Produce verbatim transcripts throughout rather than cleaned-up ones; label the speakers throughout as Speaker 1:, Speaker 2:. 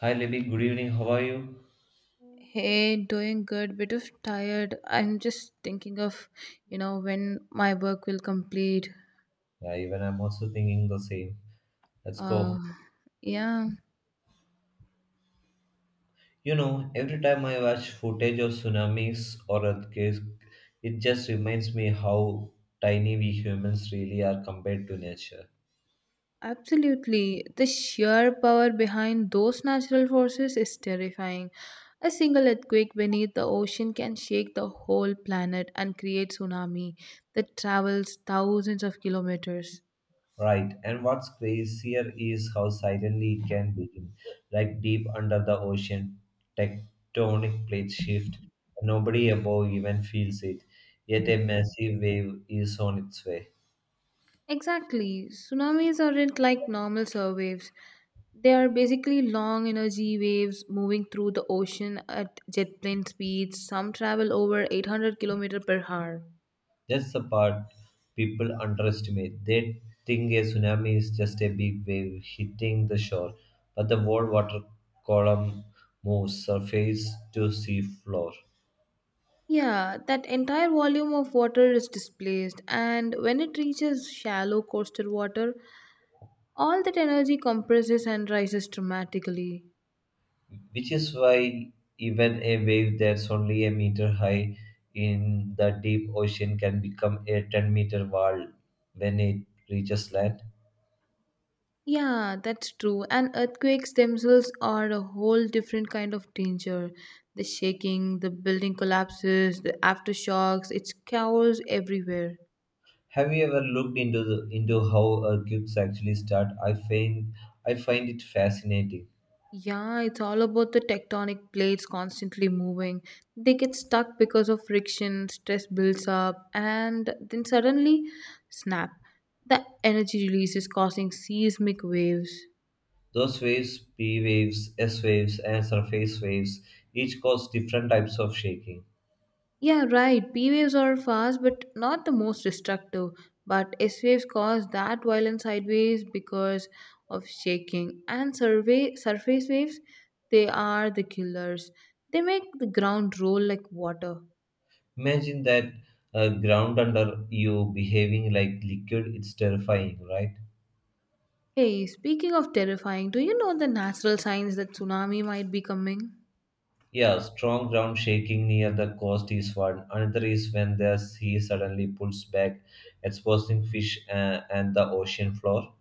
Speaker 1: Hi Libby, good evening. How are you?
Speaker 2: Hey, doing good, bit of tired. I'm just thinking of, you know, when my work will complete.
Speaker 1: Yeah, even I'm also thinking the same. Let's go.
Speaker 2: Uh, yeah,
Speaker 1: You know, every time I watch footage of tsunamis or earthquakes, it just reminds me how tiny we humans really are compared to nature.
Speaker 2: absolutely. The sheer power behind those natural forces is terrifying. A single earthquake beneath the ocean can shake the whole planet and create tsunami that travels thousands of kilometers.
Speaker 1: Right, and what's crazier is how silently it can begin, like deep under the ocean, tectonic plates shift, and nobody above even feels it. Yet a massive wave is on its way.
Speaker 2: Exactly. Tsunamis aren't like normal surfwaves. They are basically long energy waves moving through the ocean at jet plane speeds. Some travel over eight hundred kilometer per hour.
Speaker 1: That's the part people underestimate. They think a tsunami is just a big wave hitting the shore, but the world water column moves surface to sea floor,
Speaker 2: Yeah, that entire volume of water is displaced, and when it reaches shallow coastal water, all that energy compresses and rises dramatically.
Speaker 1: which is why even a wave that's only a meter high in the deep ocean can become a ten meter wall when it reaches land.
Speaker 2: Yeah, that's true. And earthquakes themselves are a whole different kind of danger. The shaking, the building collapses, the aftershocks, it's chaos everywhere.
Speaker 1: Have you ever looked into the, into how earthquakes actually start? I find I find it fascinating.
Speaker 2: Yeah, it's all about the tectonic plates constantly moving. They get stuck because of friction, stress builds up, and then suddenly, snap, the energy release is causing seismic waves.
Speaker 1: Those waves, P waves, S waves, and surface waves, each cause different types of shaking.
Speaker 2: Yeah, right. P waves are fast but not the most destructive. But S waves cause that violent sideways because of shaking. And survey, surface waves, they are the killers. They make the ground roll like water.
Speaker 1: Imagine that uh, ground under you behaving like liquid, it's terrifying, right?
Speaker 2: Hey, speaking of terrifying, do you know the natural signs that tsunami might be coming?
Speaker 1: Yeah, strong ground shaking near the coast is one. Another is when the sea suddenly pulls back, exposing fish uh, and the ocean floor.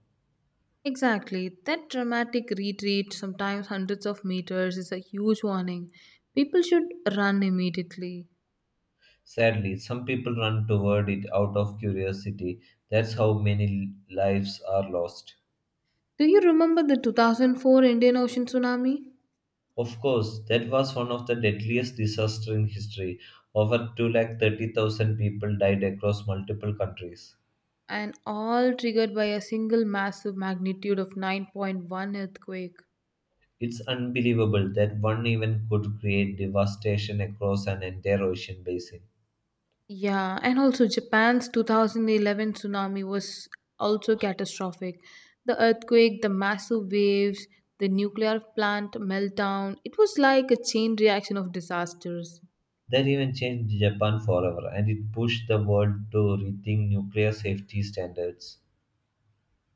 Speaker 2: Exactly. That dramatic retreat, sometimes hundreds of meters, is a huge warning. People should run immediately.
Speaker 1: Sadly, some people run toward it out of curiosity. That's how many lives are lost.
Speaker 2: Do you remember the two thousand four Indian Ocean tsunami?
Speaker 1: Of course, that was one of the deadliest disasters in history. Over two lakh thirty thousand people died across multiple countries.
Speaker 2: And all triggered by a single massive magnitude of nine point one earthquake.
Speaker 1: It's unbelievable that one event could create devastation across an entire ocean basin.
Speaker 2: Yeah, and also Japan's two thousand eleven tsunami was also catastrophic. The earthquake, the massive waves, the nuclear plant meltdown, it was like a chain reaction of disasters.
Speaker 1: That event changed Japan forever and it pushed the world to rethink nuclear safety standards.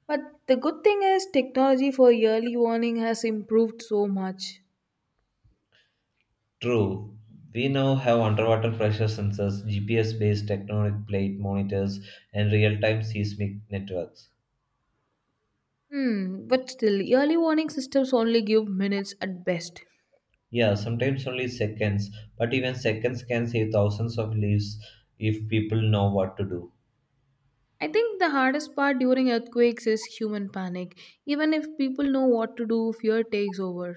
Speaker 2: But the good thing is, technology for early warning has improved so much.
Speaker 1: True, we now have underwater pressure sensors, G P S based tectonic plate monitors, and real time seismic networks.
Speaker 2: Hmm, but still, early warning systems only give minutes at best.
Speaker 1: Yeah, sometimes only seconds, but even seconds can save thousands of lives if people know what to do.
Speaker 2: I think the hardest part during earthquakes is human panic. Even if people know what to do, fear takes over.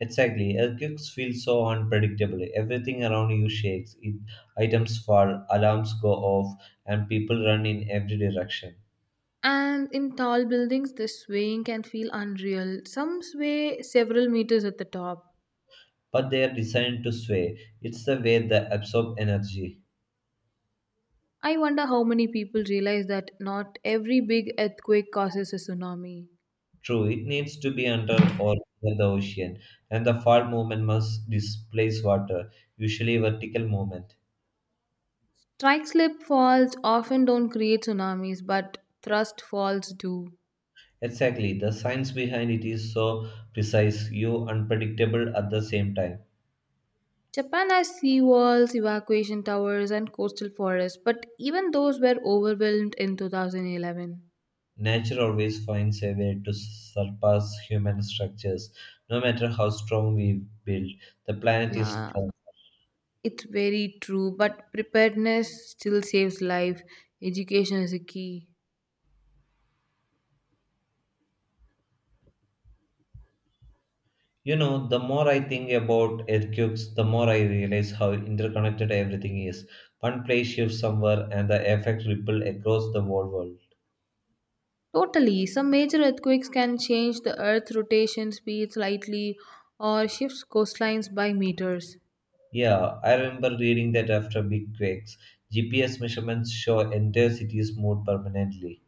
Speaker 1: Exactly, earthquakes feel so unpredictable. Everything around you shakes, it, items fall, alarms go off, and people run in every direction.
Speaker 2: And in tall buildings, the swaying can feel unreal. Some sway several meters at the top.
Speaker 1: But they are designed to sway. It's the way they absorb energy.
Speaker 2: I wonder how many people realize that not every big earthquake causes a tsunami.
Speaker 1: True, it needs to be under or near the ocean, and the fall movement must displace water, usually vertical movement.
Speaker 2: Strike slip falls often don't create tsunamis, but thrust falls do.
Speaker 1: Exactly, the science behind it is so precise, you unpredictable at the same time.
Speaker 2: Japan has seawalls, evacuation towers, and coastal forests, but even those were overwhelmed in two thousand eleven.
Speaker 1: Nature always finds a way to surpass human structures, no matter how strong we build. The planet is
Speaker 2: Yeah,
Speaker 1: strong.
Speaker 2: it's very true, but preparedness still saves life. Education is a key.
Speaker 1: You know, the more I think about earthquakes, the more I realize how interconnected everything is. One place shifts somewhere, and the effect ripple across the whole world.
Speaker 2: Totally. Some major earthquakes can change the Earth's rotation speed slightly or shifts coastlines by meters.
Speaker 1: Yeah, I remember reading that after big quakes, G P S measurements show entire cities moved permanently.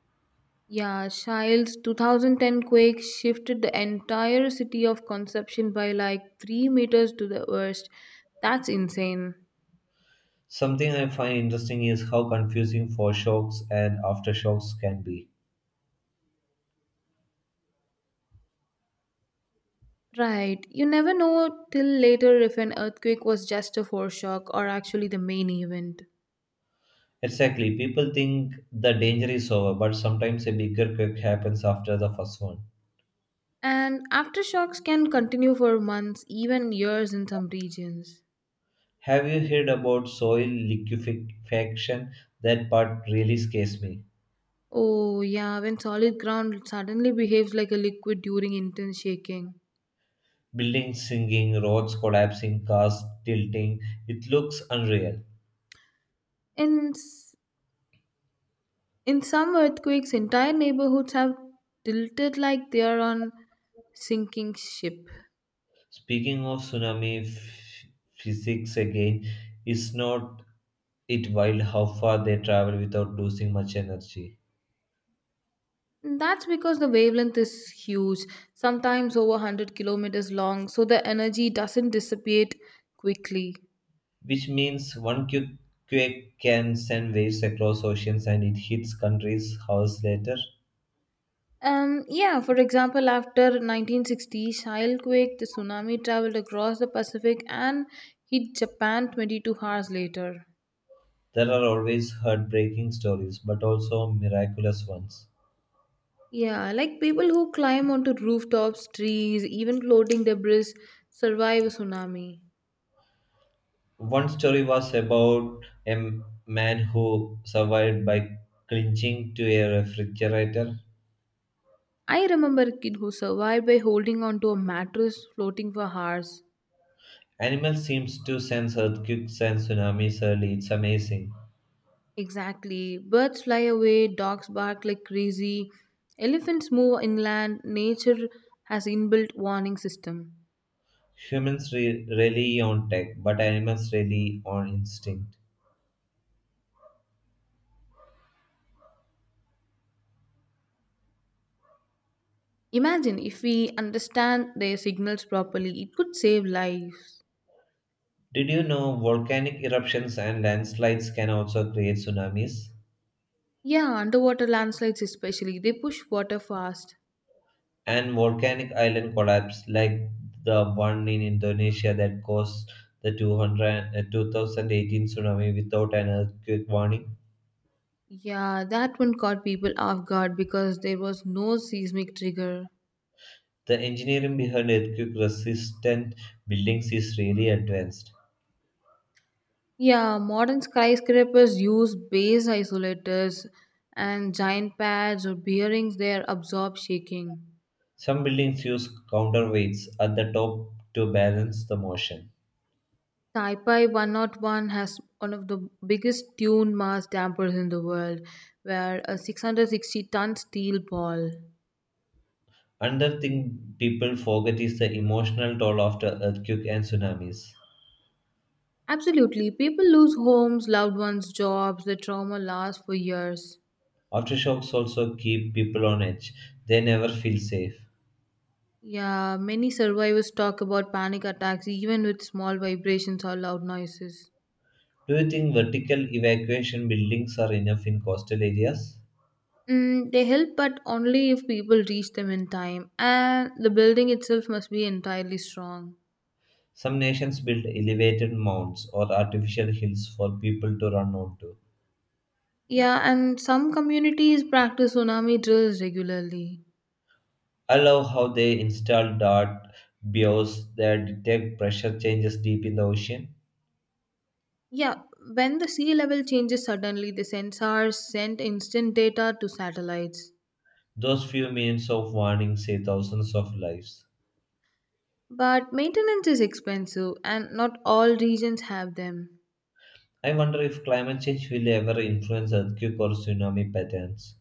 Speaker 2: Yeah, Shild's two thousand ten quake shifted the entire city of Conception by like three meters to the west. That's insane.
Speaker 1: Something I find interesting is how confusing foreshocks and aftershocks can be.
Speaker 2: Right. You never know till later if an earthquake was just a foreshock or actually the main event.
Speaker 1: Exactly, people think the danger is over, but sometimes a bigger quake happens after the first one.
Speaker 2: And aftershocks can continue for months, even years in some regions.
Speaker 1: Have you heard about soil liquefaction? That part really scares me.
Speaker 2: Oh, yeah, when solid ground suddenly behaves like a liquid during intense shaking.
Speaker 1: Buildings sinking, roads collapsing, cars tilting, it looks unreal.
Speaker 2: In, s- in some earthquakes, entire neighborhoods have tilted like they are on sinking ship.
Speaker 1: Speaking of tsunami f- physics again, is not it wild how far they travel without losing much energy.
Speaker 2: That's because the wavelength is huge, sometimes over one hundred kilometers long, so the energy doesn't dissipate quickly.
Speaker 1: Which means one quick quake can send waves across oceans and it hits countries hours later.
Speaker 2: Um, yeah, for example, after nineteen sixty Shilquake, the tsunami traveled across the Pacific and hit Japan twenty-two hours later.
Speaker 1: There are always heartbreaking stories, but also miraculous ones.
Speaker 2: Yeah, like people who climb onto rooftops, trees, even floating debris survive a tsunami.
Speaker 1: One story was about a m- man who survived by clinching to a refrigerator.
Speaker 2: I remember a kid who survived by holding onto a mattress floating for hours.
Speaker 1: Animals seem to sense earthquakes and tsunamis early. It's amazing.
Speaker 2: Exactly. Birds fly away, dogs bark like crazy, elephants move inland. Nature has inbuilt warning system.
Speaker 1: Humans re- rely on tech, but animals rely on instinct.
Speaker 2: Imagine if we understand their signals properly, it could save lives.
Speaker 1: Did you know volcanic eruptions and landslides can also create tsunamis?
Speaker 2: Yeah, underwater landslides especially, they push water fast.
Speaker 1: And volcanic island collapse, like the one in Indonesia that caused the 200, uh, two thousand eighteen tsunami without an earthquake warning?
Speaker 2: Yeah, that one caught people off guard because there was no seismic trigger.
Speaker 1: The engineering behind earthquake resistant buildings is really advanced.
Speaker 2: Yeah, modern skyscrapers use base isolators and giant pads or bearings there absorb shaking.
Speaker 1: Some buildings use counterweights at the top to balance the motion.
Speaker 2: Taipei one oh one has one of the biggest dune mass dampers in the world, where a six hundred sixty ton steel ball.
Speaker 1: Another thing people forget is the emotional toll after earthquake and tsunamis.
Speaker 2: Absolutely, people lose homes, loved ones, jobs, the trauma lasts for years.
Speaker 1: Aftershocks also keep people on edge. They never feel safe.
Speaker 2: Yeah, many survivors talk about panic attacks even with small vibrations or loud noises.
Speaker 1: Do you think vertical evacuation buildings are enough in coastal areas?
Speaker 2: Mm, they help, but only if people reach them in time, and the building itself must be entirely strong.
Speaker 1: Some nations build elevated mounds or artificial hills for people to run onto.
Speaker 2: Yeah, and some communities practice tsunami drills regularly.
Speaker 1: I love how they install dart bows that detect pressure changes deep in the ocean.
Speaker 2: Yeah, when the sea level changes suddenly, the sensors send instant data to satellites.
Speaker 1: Those few minutes of warning save thousands of lives.
Speaker 2: But maintenance is expensive and not all regions have them.
Speaker 1: I wonder if climate change will ever influence earthquake or tsunami patterns.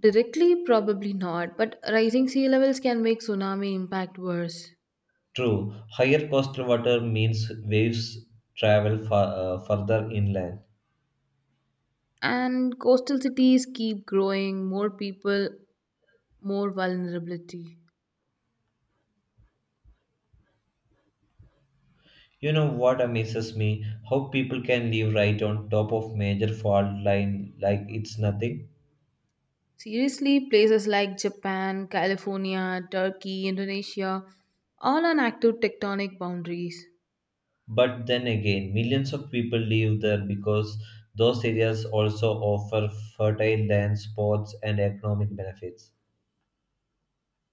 Speaker 2: Directly, probably not, but rising sea levels can make tsunami impact worse.
Speaker 1: True, higher coastal water means waves travel far, uh, further inland.
Speaker 2: And coastal cities keep growing, more people, more vulnerability.
Speaker 1: You know what amazes me? How people can live right on top of major fault line like it's nothing.
Speaker 2: Seriously, places like Japan, California, Turkey, Indonesia, all on active tectonic boundaries.
Speaker 1: But then again, millions of people live there because those areas also offer fertile land, sports, and economic benefits.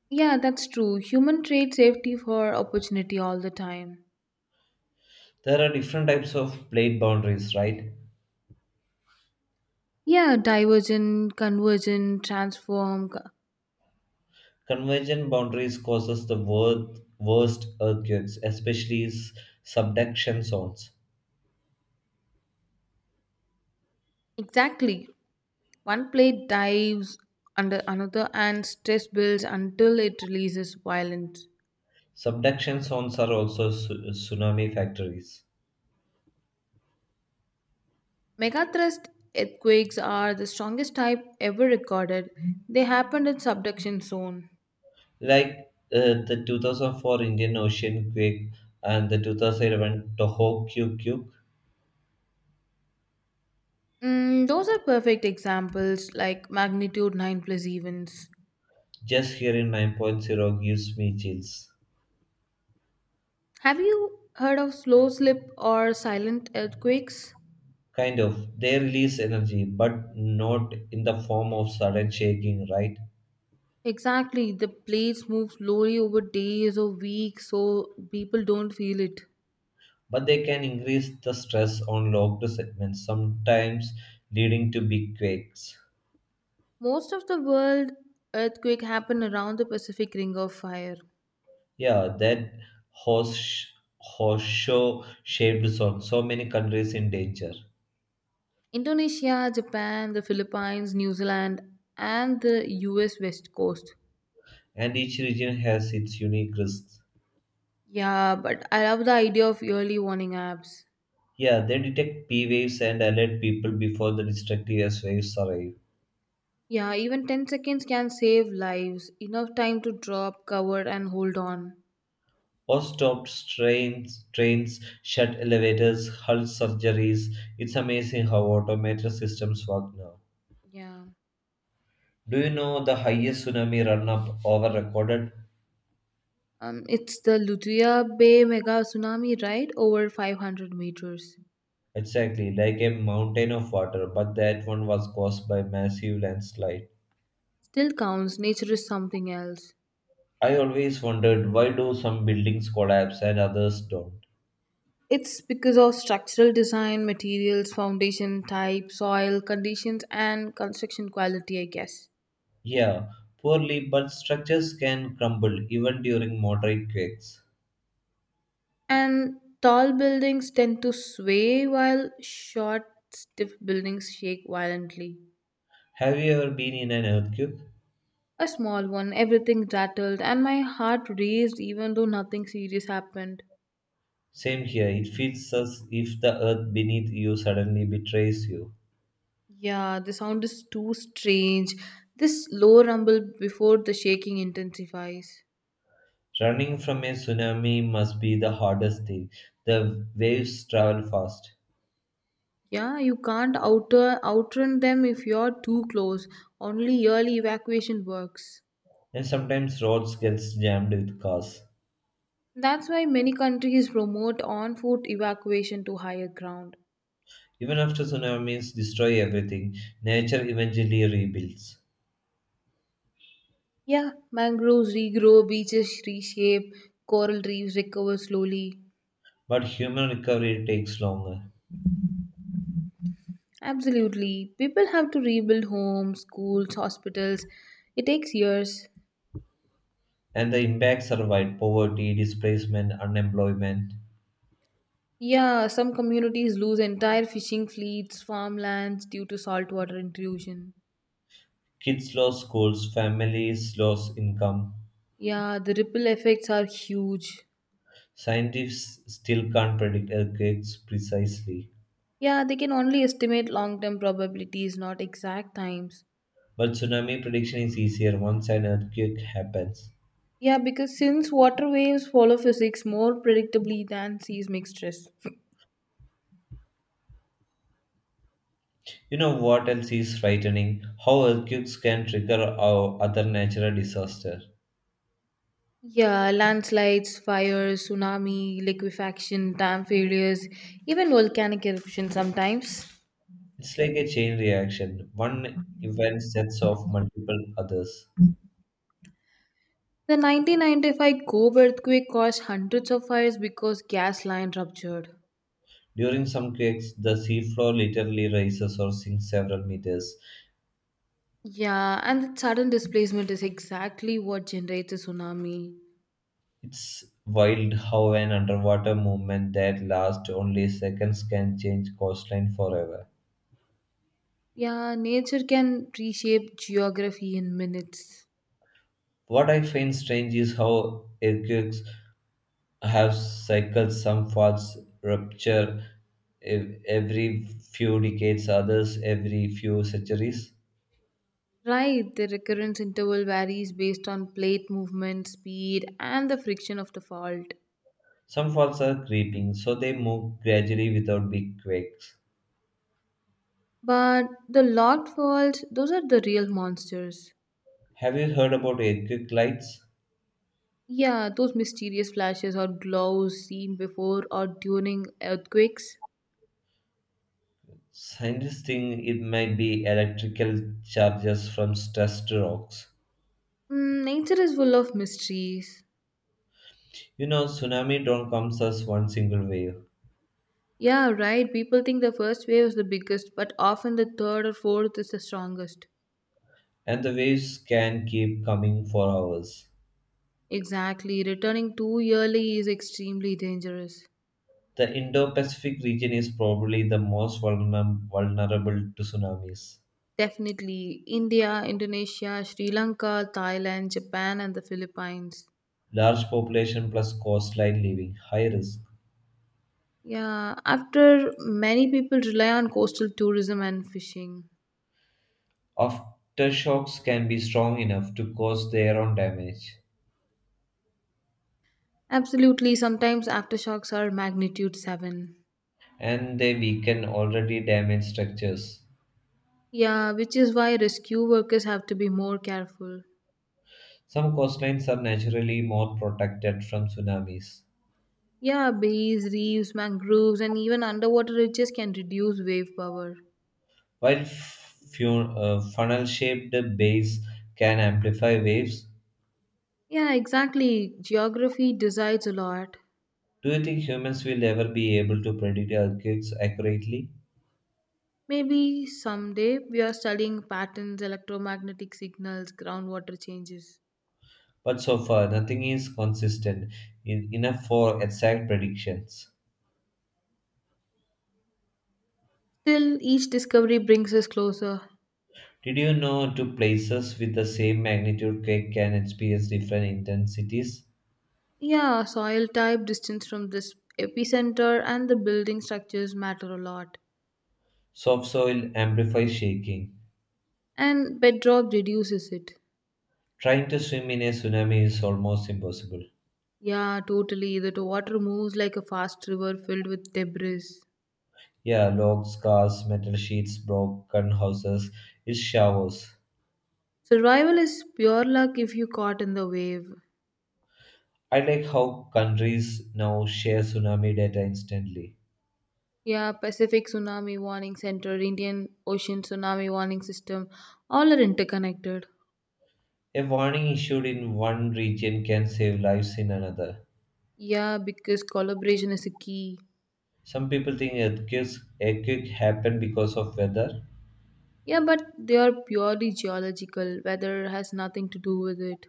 Speaker 2: Yeah, that's true. Human trade safety for opportunity all the time.
Speaker 1: There are different types of plate boundaries, right?
Speaker 2: Yeah, divergent, convergent, transform. co-
Speaker 1: Convergent boundaries causes the wor- worst earthquakes, especially s- subduction zones.
Speaker 2: Exactly. One plate dives under another and stress builds until it releases violence.
Speaker 1: Subduction zones are also su- tsunami factories.
Speaker 2: Megathrust earthquakes are the strongest type ever recorded. They happened in subduction zone.
Speaker 1: Like uh, the two thousand four Indian Ocean quake and the twenty eleven Tohoku.
Speaker 2: Mm, those are perfect examples like magnitude nine plus events.
Speaker 1: Just hearing 9.0 gives me chills.
Speaker 2: Have you heard of slow slip or silent earthquakes?
Speaker 1: Kind of. They release energy, but not in the form of sudden shaking, right?
Speaker 2: Exactly, the plates move slowly over days or weeks, so people don't feel it.
Speaker 1: But they can increase the stress on locked segments, sometimes leading to big quakes.
Speaker 2: Most of the world earthquake happen around the Pacific Ring of Fire.
Speaker 1: Yeah, that horse horseshoe shaped zone. So many countries in danger,
Speaker 2: Indonesia, Japan, the Philippines, New Zealand, and the U S West Coast.
Speaker 1: and each region has its unique risks.
Speaker 2: Yeah, but I love the idea of early warning apps.
Speaker 1: Yeah, they detect P waves and alert people before the destructive S waves arrive.
Speaker 2: Yeah, even ten seconds can save lives. Enough time to drop, cover, and hold on.
Speaker 1: Or stopped trains, trains, shut elevators, halt surgeries. It's amazing how automated systems work now.
Speaker 2: Yeah.
Speaker 1: Do you know the highest tsunami run up over recorded?
Speaker 2: Um, it's the Lutuya Bay mega tsunami, right? Over five hundred meters.
Speaker 1: Exactly, like a mountain of water, but that one was caused by massive landslide.
Speaker 2: Still counts. Nature is something else.
Speaker 1: I always wondered why do some buildings collapse and others don't?
Speaker 2: It's because of structural design, materials, foundation type, soil conditions, and construction quality, I guess.
Speaker 1: Yeah, poorly, but structures can crumble even during moderate quakes.
Speaker 2: And tall buildings tend to sway while short, stiff buildings shake violently.
Speaker 1: Have you ever been in an earthquake?
Speaker 2: A small one, everything rattled, and my heart raced even though nothing serious happened.
Speaker 1: Same here, it feels as if the earth beneath you suddenly betrays you.
Speaker 2: Yeah, the sound is too strange. This low rumble before the shaking intensifies.
Speaker 1: Running from a tsunami must be the hardest thing. The waves travel fast,
Speaker 2: Yeah, you can't outer outrun them if you're too close. Only early evacuation works.
Speaker 1: and sometimes roads get jammed with cars.
Speaker 2: That's why many countries promote on foot evacuation to higher ground.
Speaker 1: Even after tsunamis destroy everything, nature eventually rebuilds.
Speaker 2: Yeah, mangroves regrow, beaches reshape, coral reefs recover slowly.
Speaker 1: But human recovery takes longer,
Speaker 2: Absolutely. People have to rebuild homes, schools, hospitals. It takes years.
Speaker 1: and the impacts are wide poverty, displacement, unemployment.
Speaker 2: Yeah, some communities lose entire fishing fleets, farmlands due to saltwater intrusion.
Speaker 1: Kids lose schools, families lose income.
Speaker 2: Yeah, the ripple effects are huge.
Speaker 1: Scientists still can't predict earthquakes precisely.
Speaker 2: Yeah, they can only estimate long term probabilities, not exact times.
Speaker 1: But tsunami prediction is easier once an earthquake happens.
Speaker 2: Yeah, because since water waves follow physics more predictably than seismic stress.
Speaker 1: You know what else is frightening? How earthquakes can trigger our other natural disaster.
Speaker 2: Yeah, landslides, fires, tsunami, liquefaction, dam failures, even volcanic eruption sometimes.
Speaker 1: It's like a chain reaction. One event sets off multiple others.
Speaker 2: The nineteen ninety-five Gob earthquake caused hundreds of fires because gas line ruptured.
Speaker 1: During some quakes, the seafloor literally rises or sinks several meters.
Speaker 2: Yeah, and that sudden displacement is exactly what generates a tsunami.
Speaker 1: It's wild how an underwater movement that lasts only seconds can change coastline forever.
Speaker 2: Yeah, nature can reshape geography in minutes.
Speaker 1: What I find strange is how earthquakes have cycles, some faults rupture ev- every few decades, others every few centuries.
Speaker 2: Right, the recurrence interval varies based on plate movement, speed, and the friction of the fault.
Speaker 1: Some faults are creeping, so they move gradually without big quakes.
Speaker 2: But the locked faults, those are the real monsters.
Speaker 1: Have you heard about earthquake lights?
Speaker 2: Yeah, those mysterious flashes or glows seen before or during earthquakes.
Speaker 1: Scientists think it might be electrical charges from stressed rocks.
Speaker 2: Mm, nature is full of mysteries.
Speaker 1: You know, tsunami don't come as one single wave,
Speaker 2: Yeah, right. People think the first wave is the biggest, but often the third or fourth is the strongest.
Speaker 1: and the waves can keep coming for hours.
Speaker 2: Exactly. Returning too early is extremely dangerous.
Speaker 1: The Indo-Pacific region is probably the most vulner- vulnerable to tsunamis.
Speaker 2: Definitely. India, Indonesia, Sri Lanka, Thailand, Japan, and the Philippines.
Speaker 1: Large population plus coastline living, high risk.
Speaker 2: Yeah, after many people rely on coastal tourism and fishing.
Speaker 1: Aftershocks can be strong enough to cause their own damage,
Speaker 2: Absolutely, sometimes aftershocks are magnitude seven.
Speaker 1: and they weaken already damaged structures.
Speaker 2: Yeah, which is why rescue workers have to be more careful.
Speaker 1: Some coastlines are naturally more protected from tsunamis,
Speaker 2: Yeah, bays, reefs, mangroves, and even underwater ridges can reduce wave power.
Speaker 1: while f- fu- uh, funnel shaped bays can amplify waves.
Speaker 2: Yeah, exactly. Geography decides a lot.
Speaker 1: Do you think humans will ever be able to predict earthquakes accurately?
Speaker 2: Maybe someday we are studying patterns, electromagnetic signals, groundwater changes.
Speaker 1: But so far, nothing is consistent in, enough for exact predictions.
Speaker 2: Still, each discovery brings us closer.
Speaker 1: Did you know two places with the same magnitude quake can experience different intensities?
Speaker 2: Yeah, soil type, distance from this epicenter, and the building structures matter a lot.
Speaker 1: Soft soil amplifies shaking.
Speaker 2: And bedrock reduces it.
Speaker 1: Trying to swim in a tsunami is almost impossible.
Speaker 2: Yeah, totally. The water moves like a fast river filled with debris.
Speaker 1: Yeah, logs, cars, metal sheets, broken houses. It showers.
Speaker 2: Survival is pure luck if you caught in the wave.
Speaker 1: I like how countries now share tsunami data instantly.
Speaker 2: Yeah, Pacific Tsunami Warning Center, Indian Ocean Tsunami Warning System, all are interconnected.
Speaker 1: A warning issued in one region can save lives in another.
Speaker 2: Yeah, because collaboration is a key.
Speaker 1: Some people think earthquakes, earthquake happen because of weather,
Speaker 2: Yeah, but they are purely geological. Weather has nothing to do with it.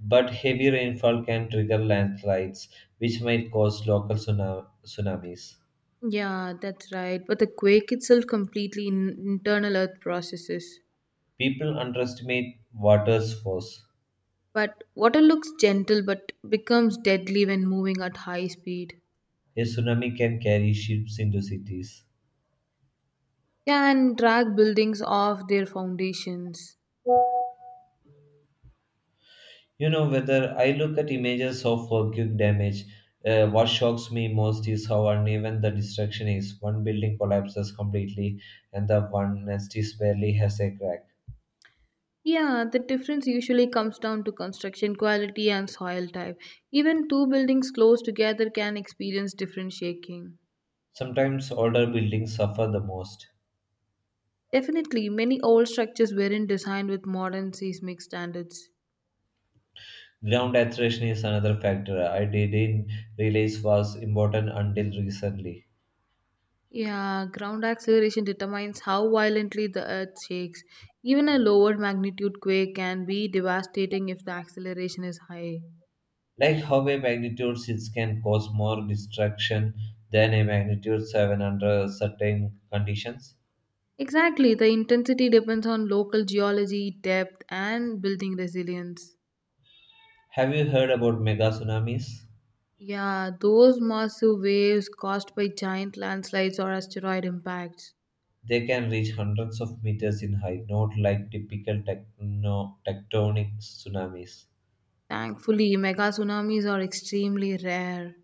Speaker 1: but heavy rainfall can trigger landslides, which might cause local tsuna- tsunamis.
Speaker 2: Yeah, that's right. But the quake itself completely in- internal earth processes.
Speaker 1: People underestimate water's force.
Speaker 2: But water looks gentle but becomes deadly when moving at high speed.
Speaker 1: A tsunami can carry ships into cities.
Speaker 2: Yeah, and drag buildings off their foundations.
Speaker 1: You know, whether I look at images of volcanic damage, uh, what shocks me most is how uneven the destruction is. One building collapses completely, and the one nest is barely has a crack.
Speaker 2: Yeah, the difference usually comes down to construction quality and soil type. Even two buildings close together can experience different shaking.
Speaker 1: Sometimes older buildings suffer the most.
Speaker 2: Definitely, many old structures weren't designed with modern seismic standards.
Speaker 1: Ground alteration is another factor I didn't realize was important until recently.
Speaker 2: Yeah, ground acceleration determines how violently the earth shakes. Even a lower magnitude quake can be devastating if the acceleration is high.
Speaker 1: Like how a magnitude six can cause more destruction than a magnitude seven under certain conditions.
Speaker 2: Exactly, the intensity depends on local geology, depth, and building resilience.
Speaker 1: Have you heard about mega tsunamis?
Speaker 2: Yeah, those massive waves caused by giant landslides or asteroid impacts.
Speaker 1: They can reach hundreds of meters in height, not like typical techno- tectonic tsunamis.
Speaker 2: Thankfully, mega tsunamis are extremely rare.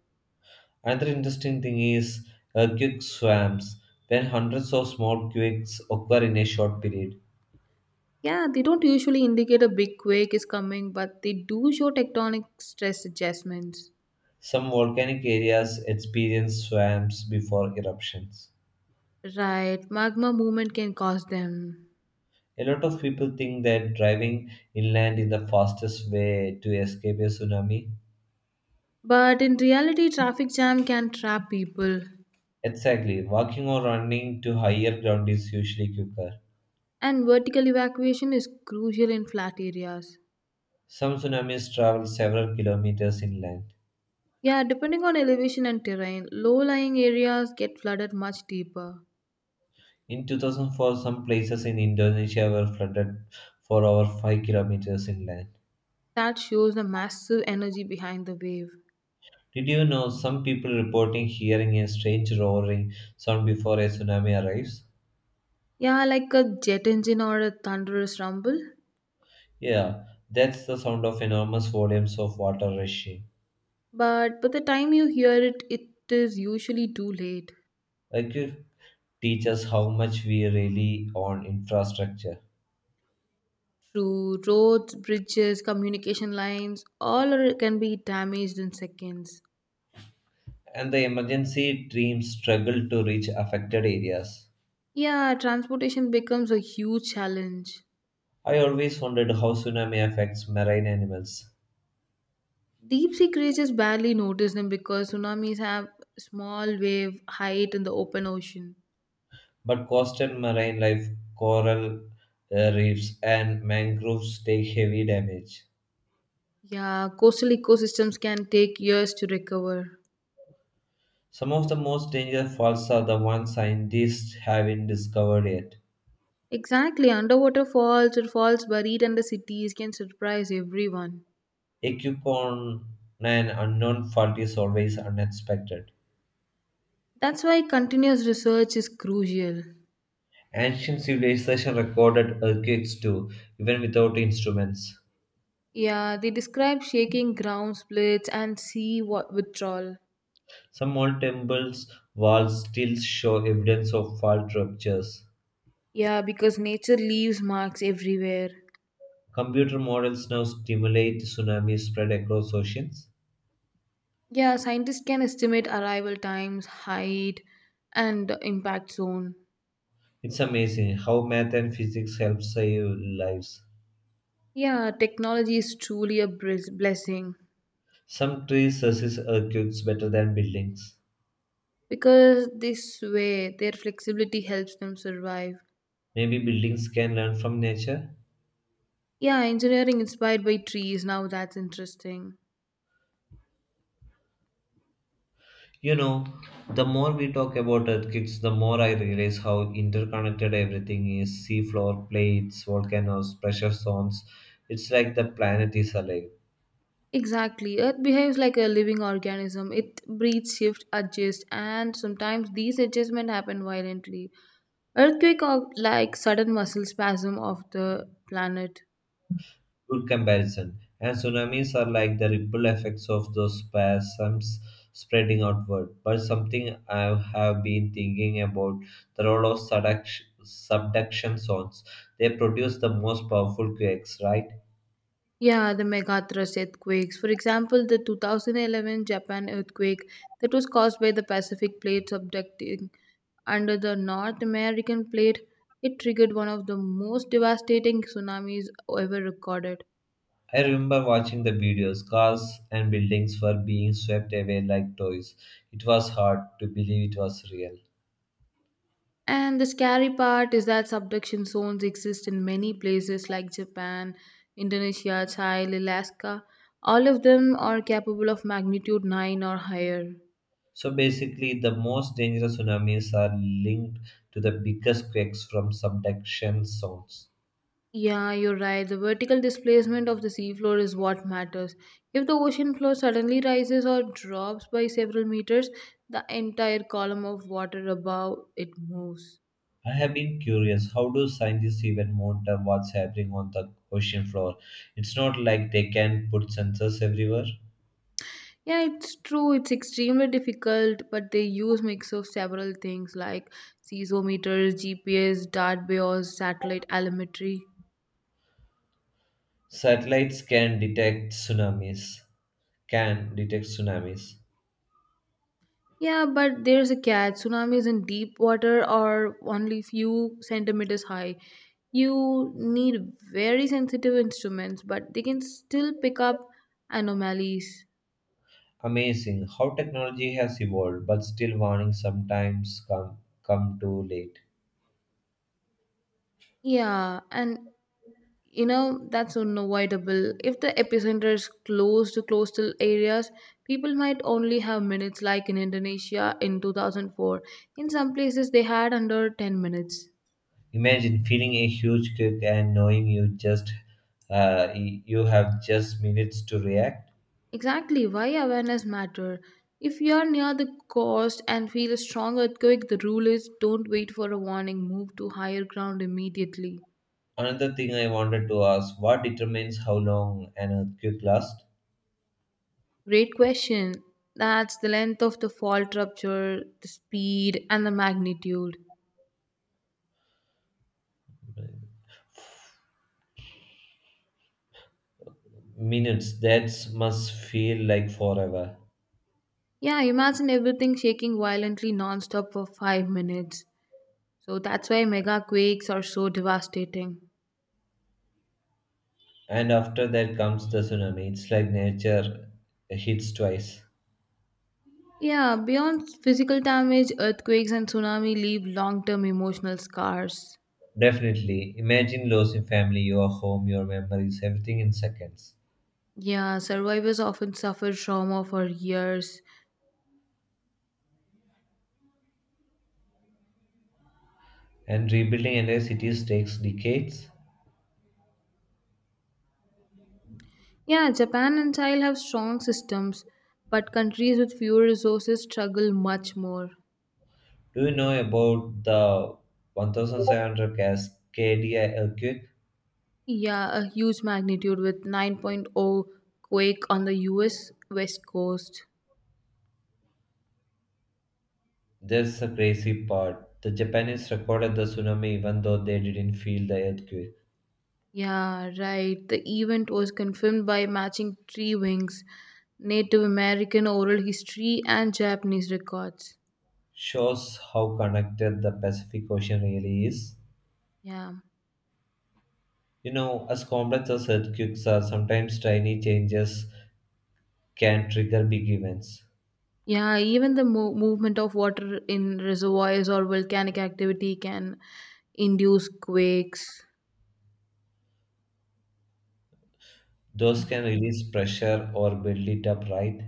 Speaker 1: Another interesting thing is earthquake swamps. When hundreds of small quakes occur in a short period,
Speaker 2: Yeah, they don't usually indicate a big quake is coming, but they do show tectonic stress adjustments.
Speaker 1: some volcanic areas experience swamps before eruptions.
Speaker 2: Right, magma movement can cause them.
Speaker 1: A lot of people think that driving inland is the fastest way to escape a tsunami.
Speaker 2: But in reality, traffic jam can trap people,
Speaker 1: Exactly, walking or running to higher ground is usually quicker.
Speaker 2: and vertical evacuation is crucial in flat areas.
Speaker 1: Some tsunamis travel several kilometers inland.
Speaker 2: Yeah, depending on elevation and terrain, low lying areas get flooded much deeper.
Speaker 1: In two thousand four, some places in Indonesia were flooded for over five kilometers inland.
Speaker 2: That shows the massive energy behind the wave.
Speaker 1: Did you know some people reporting hearing a strange roaring sound before a tsunami arrives?
Speaker 2: Yeah, like a jet engine or a thunderous rumble.
Speaker 1: Yeah, that's the sound of enormous volumes of water rushing.
Speaker 2: But by the time you hear it, it is usually too late.
Speaker 1: Earthquake teaches how much we rely on infrastructure,
Speaker 2: True, roads, bridges, communication lines, all are, can be damaged in seconds.
Speaker 1: and the emergency teams struggle to reach affected areas.
Speaker 2: Yeah, transportation becomes a huge challenge.
Speaker 1: I always wondered how tsunami affects marine animals.
Speaker 2: Deep sea creatures barely notice them because tsunamis have small wave height in the open ocean.
Speaker 1: But coastal marine life, coral uh, reefs, and mangroves take heavy damage.
Speaker 2: Yeah, coastal ecosystems can take years to recover.
Speaker 1: Some of the most dangerous faults are the ones scientists haven't discovered yet.
Speaker 2: Exactly, underwater falls or falls buried under cities can surprise everyone.
Speaker 1: A coupon, an unknown fault is always unexpected.
Speaker 2: That's why continuous research is crucial.
Speaker 1: Ancient civilization recorded earthquakes too, even without instruments.
Speaker 2: Yeah, they describe shaking ground splits and sea wa- withdrawal.
Speaker 1: Some old temples' walls still show evidence of fault ruptures.
Speaker 2: Yeah, because nature leaves marks everywhere.
Speaker 1: Computer models now stimulate tsunamis spread across oceans.
Speaker 2: Yeah, scientists can estimate arrival times, height, and impact zone.
Speaker 1: It's amazing how math and physics help save lives.
Speaker 2: Yeah, technology is truly a bris- blessing
Speaker 1: Some trees resist earthquakes better than buildings.
Speaker 2: because they swear their flexibility helps them survive.
Speaker 1: Maybe buildings can learn from nature.
Speaker 2: Yeah, engineering inspired by trees. Now that's interesting.
Speaker 1: You know, the more we talk about earthquakes, the more I realize how interconnected everything is seafloor, plates, volcanoes, pressure zones. It's like the planet is alive.
Speaker 2: Exactly. Earth behaves like a living organism. It breathes, shifts, adjusts, and sometimes these adjustments happen violently. Earthquake are like sudden muscle spasm of the planet.
Speaker 1: Good comparison. And tsunamis are like the ripple effects of those spasms spreading outward. But something I have been thinking about the role of subduction, subduction zones. They produce the most powerful quakes, right?
Speaker 2: Yeah, the megathrust earthquakes. For example, the two thousand eleven Japan earthquake that was caused by the Pacific plate subducting under the North American plate. It triggered one of the most devastating tsunamis ever recorded.
Speaker 1: I remember watching the videos. Cars and buildings were being swept away like toys. It was hard to believe it was real.
Speaker 2: And the scary part is that subduction zones exist in many places like Japan, Indonesia, Chile, Alaska. All of them are capable of magnitude nine or higher.
Speaker 1: So basically, the most dangerous tsunamis are linked to the biggest quakes from subduction zones.
Speaker 2: Yeah, you're right. The vertical displacement of the seafloor is what matters. If the ocean floor suddenly rises or drops by several meters, the entire column of water above it moves.
Speaker 1: I have been curious how do scientists even monitor what's happening on the ocean floor? It's not like they can put sensors everywhere.
Speaker 2: Yeah, it's true. It's extremely difficult, but they use mix of several things like seismometers, G P S, dart bios, satellite telemetry.
Speaker 1: Satellites can detect tsunamis. Can detect tsunamis.
Speaker 2: Yeah, but there's a catch. Tsunamis in deep water are only few centimeters high. You need very sensitive instruments, but they can still pick up anomalies.
Speaker 1: Amazing how technology has evolved, but still warnings sometimes come come too late.
Speaker 2: Yeah, and you know that's unavoidable if the epicenter is close to coastal areas. People might only have minutes. Like in indonesia in two thousand four, in some places they had under ten minutes.
Speaker 1: Imagine feeling a huge kick and knowing you just uh, y- you have just minutes to react.
Speaker 2: Exactly why awareness matter. If you are near the coast and feel a strong earthquake, the rule is don't wait for a warning. Move to higher ground immediately.
Speaker 1: Another thing I wanted to ask: what determines how long an earthquake lasts?
Speaker 2: Great question. That's the length of the fault rupture, the speed, and the magnitude.
Speaker 1: Minutes, that must feel like forever.
Speaker 2: Yeah, imagine everything shaking violently nonstop for five minutes. So that's why mega quakes are so devastating.
Speaker 1: And after that comes the tsunami. It's like nature hits twice.
Speaker 2: Yeah, beyond physical damage, earthquakes and tsunami leave long term emotional scars.
Speaker 1: Definitely. Imagine losing family, your home, your memories, everything in seconds.
Speaker 2: Yeah, survivors often suffer trauma for years.
Speaker 1: And rebuilding entire cities takes decades.
Speaker 2: Yeah, Japan and Thailand have strong systems, but countries with fewer resources struggle much more.
Speaker 1: Do you know about the seventeen hundred Cascadia earthquake?
Speaker 2: Yeah, a huge magnitude with 9.0 quake on the U S West Coast.
Speaker 1: That's the crazy part. The Japanese recorded the tsunami even though they didn't feel the earthquake.
Speaker 2: Yeah, right. The event was confirmed by matching tree wings, Native American oral history, and Japanese records.
Speaker 1: Shows how connected the Pacific Ocean really is.
Speaker 2: Yeah.
Speaker 1: You know, as complex as earthquakes are, sometimes tiny changes can trigger big events.
Speaker 2: Yeah, even the mo- movement of water in reservoirs or volcanic activity can induce quakes.
Speaker 1: Those can release pressure or build it up, right?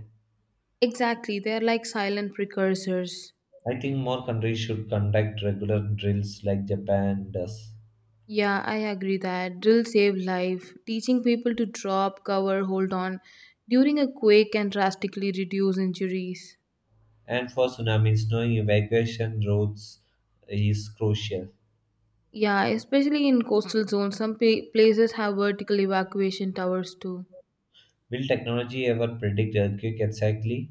Speaker 2: Exactly, they're like silent precursors.
Speaker 1: I think more countries should conduct regular drills like Japan does.
Speaker 2: Yeah, I agree that. Drill save life. Teaching people to drop, cover, hold on during a quake can drastically reduce injuries.
Speaker 1: And for tsunamis, knowing evacuation routes is crucial.
Speaker 2: Yeah, especially in coastal zones, some pa- places have vertical evacuation towers too.
Speaker 1: Will technology ever predict earthquake exactly?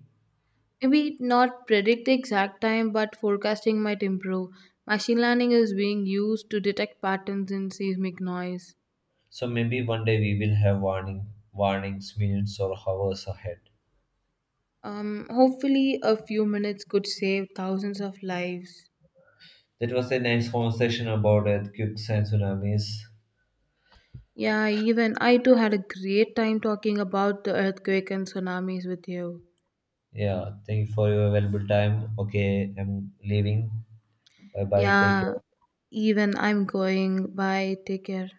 Speaker 2: Maybe not predict the exact time, but forecasting might improve. Machine learning is being used to detect patterns in seismic noise.
Speaker 1: So maybe one day we will have warning warnings minutes or hours ahead.
Speaker 2: Um, hopefully, a few minutes could save thousands of lives.
Speaker 1: That was a nice conversation about earthquakes and tsunamis.
Speaker 2: Yeah, even I too had a great time talking about the earthquake and tsunamis with you.
Speaker 1: Yeah, thank you for your valuable time. Okay, I'm leaving. Bye bye. Take
Speaker 2: Yeah,
Speaker 1: care.
Speaker 2: even I'm going. Bye. Take care.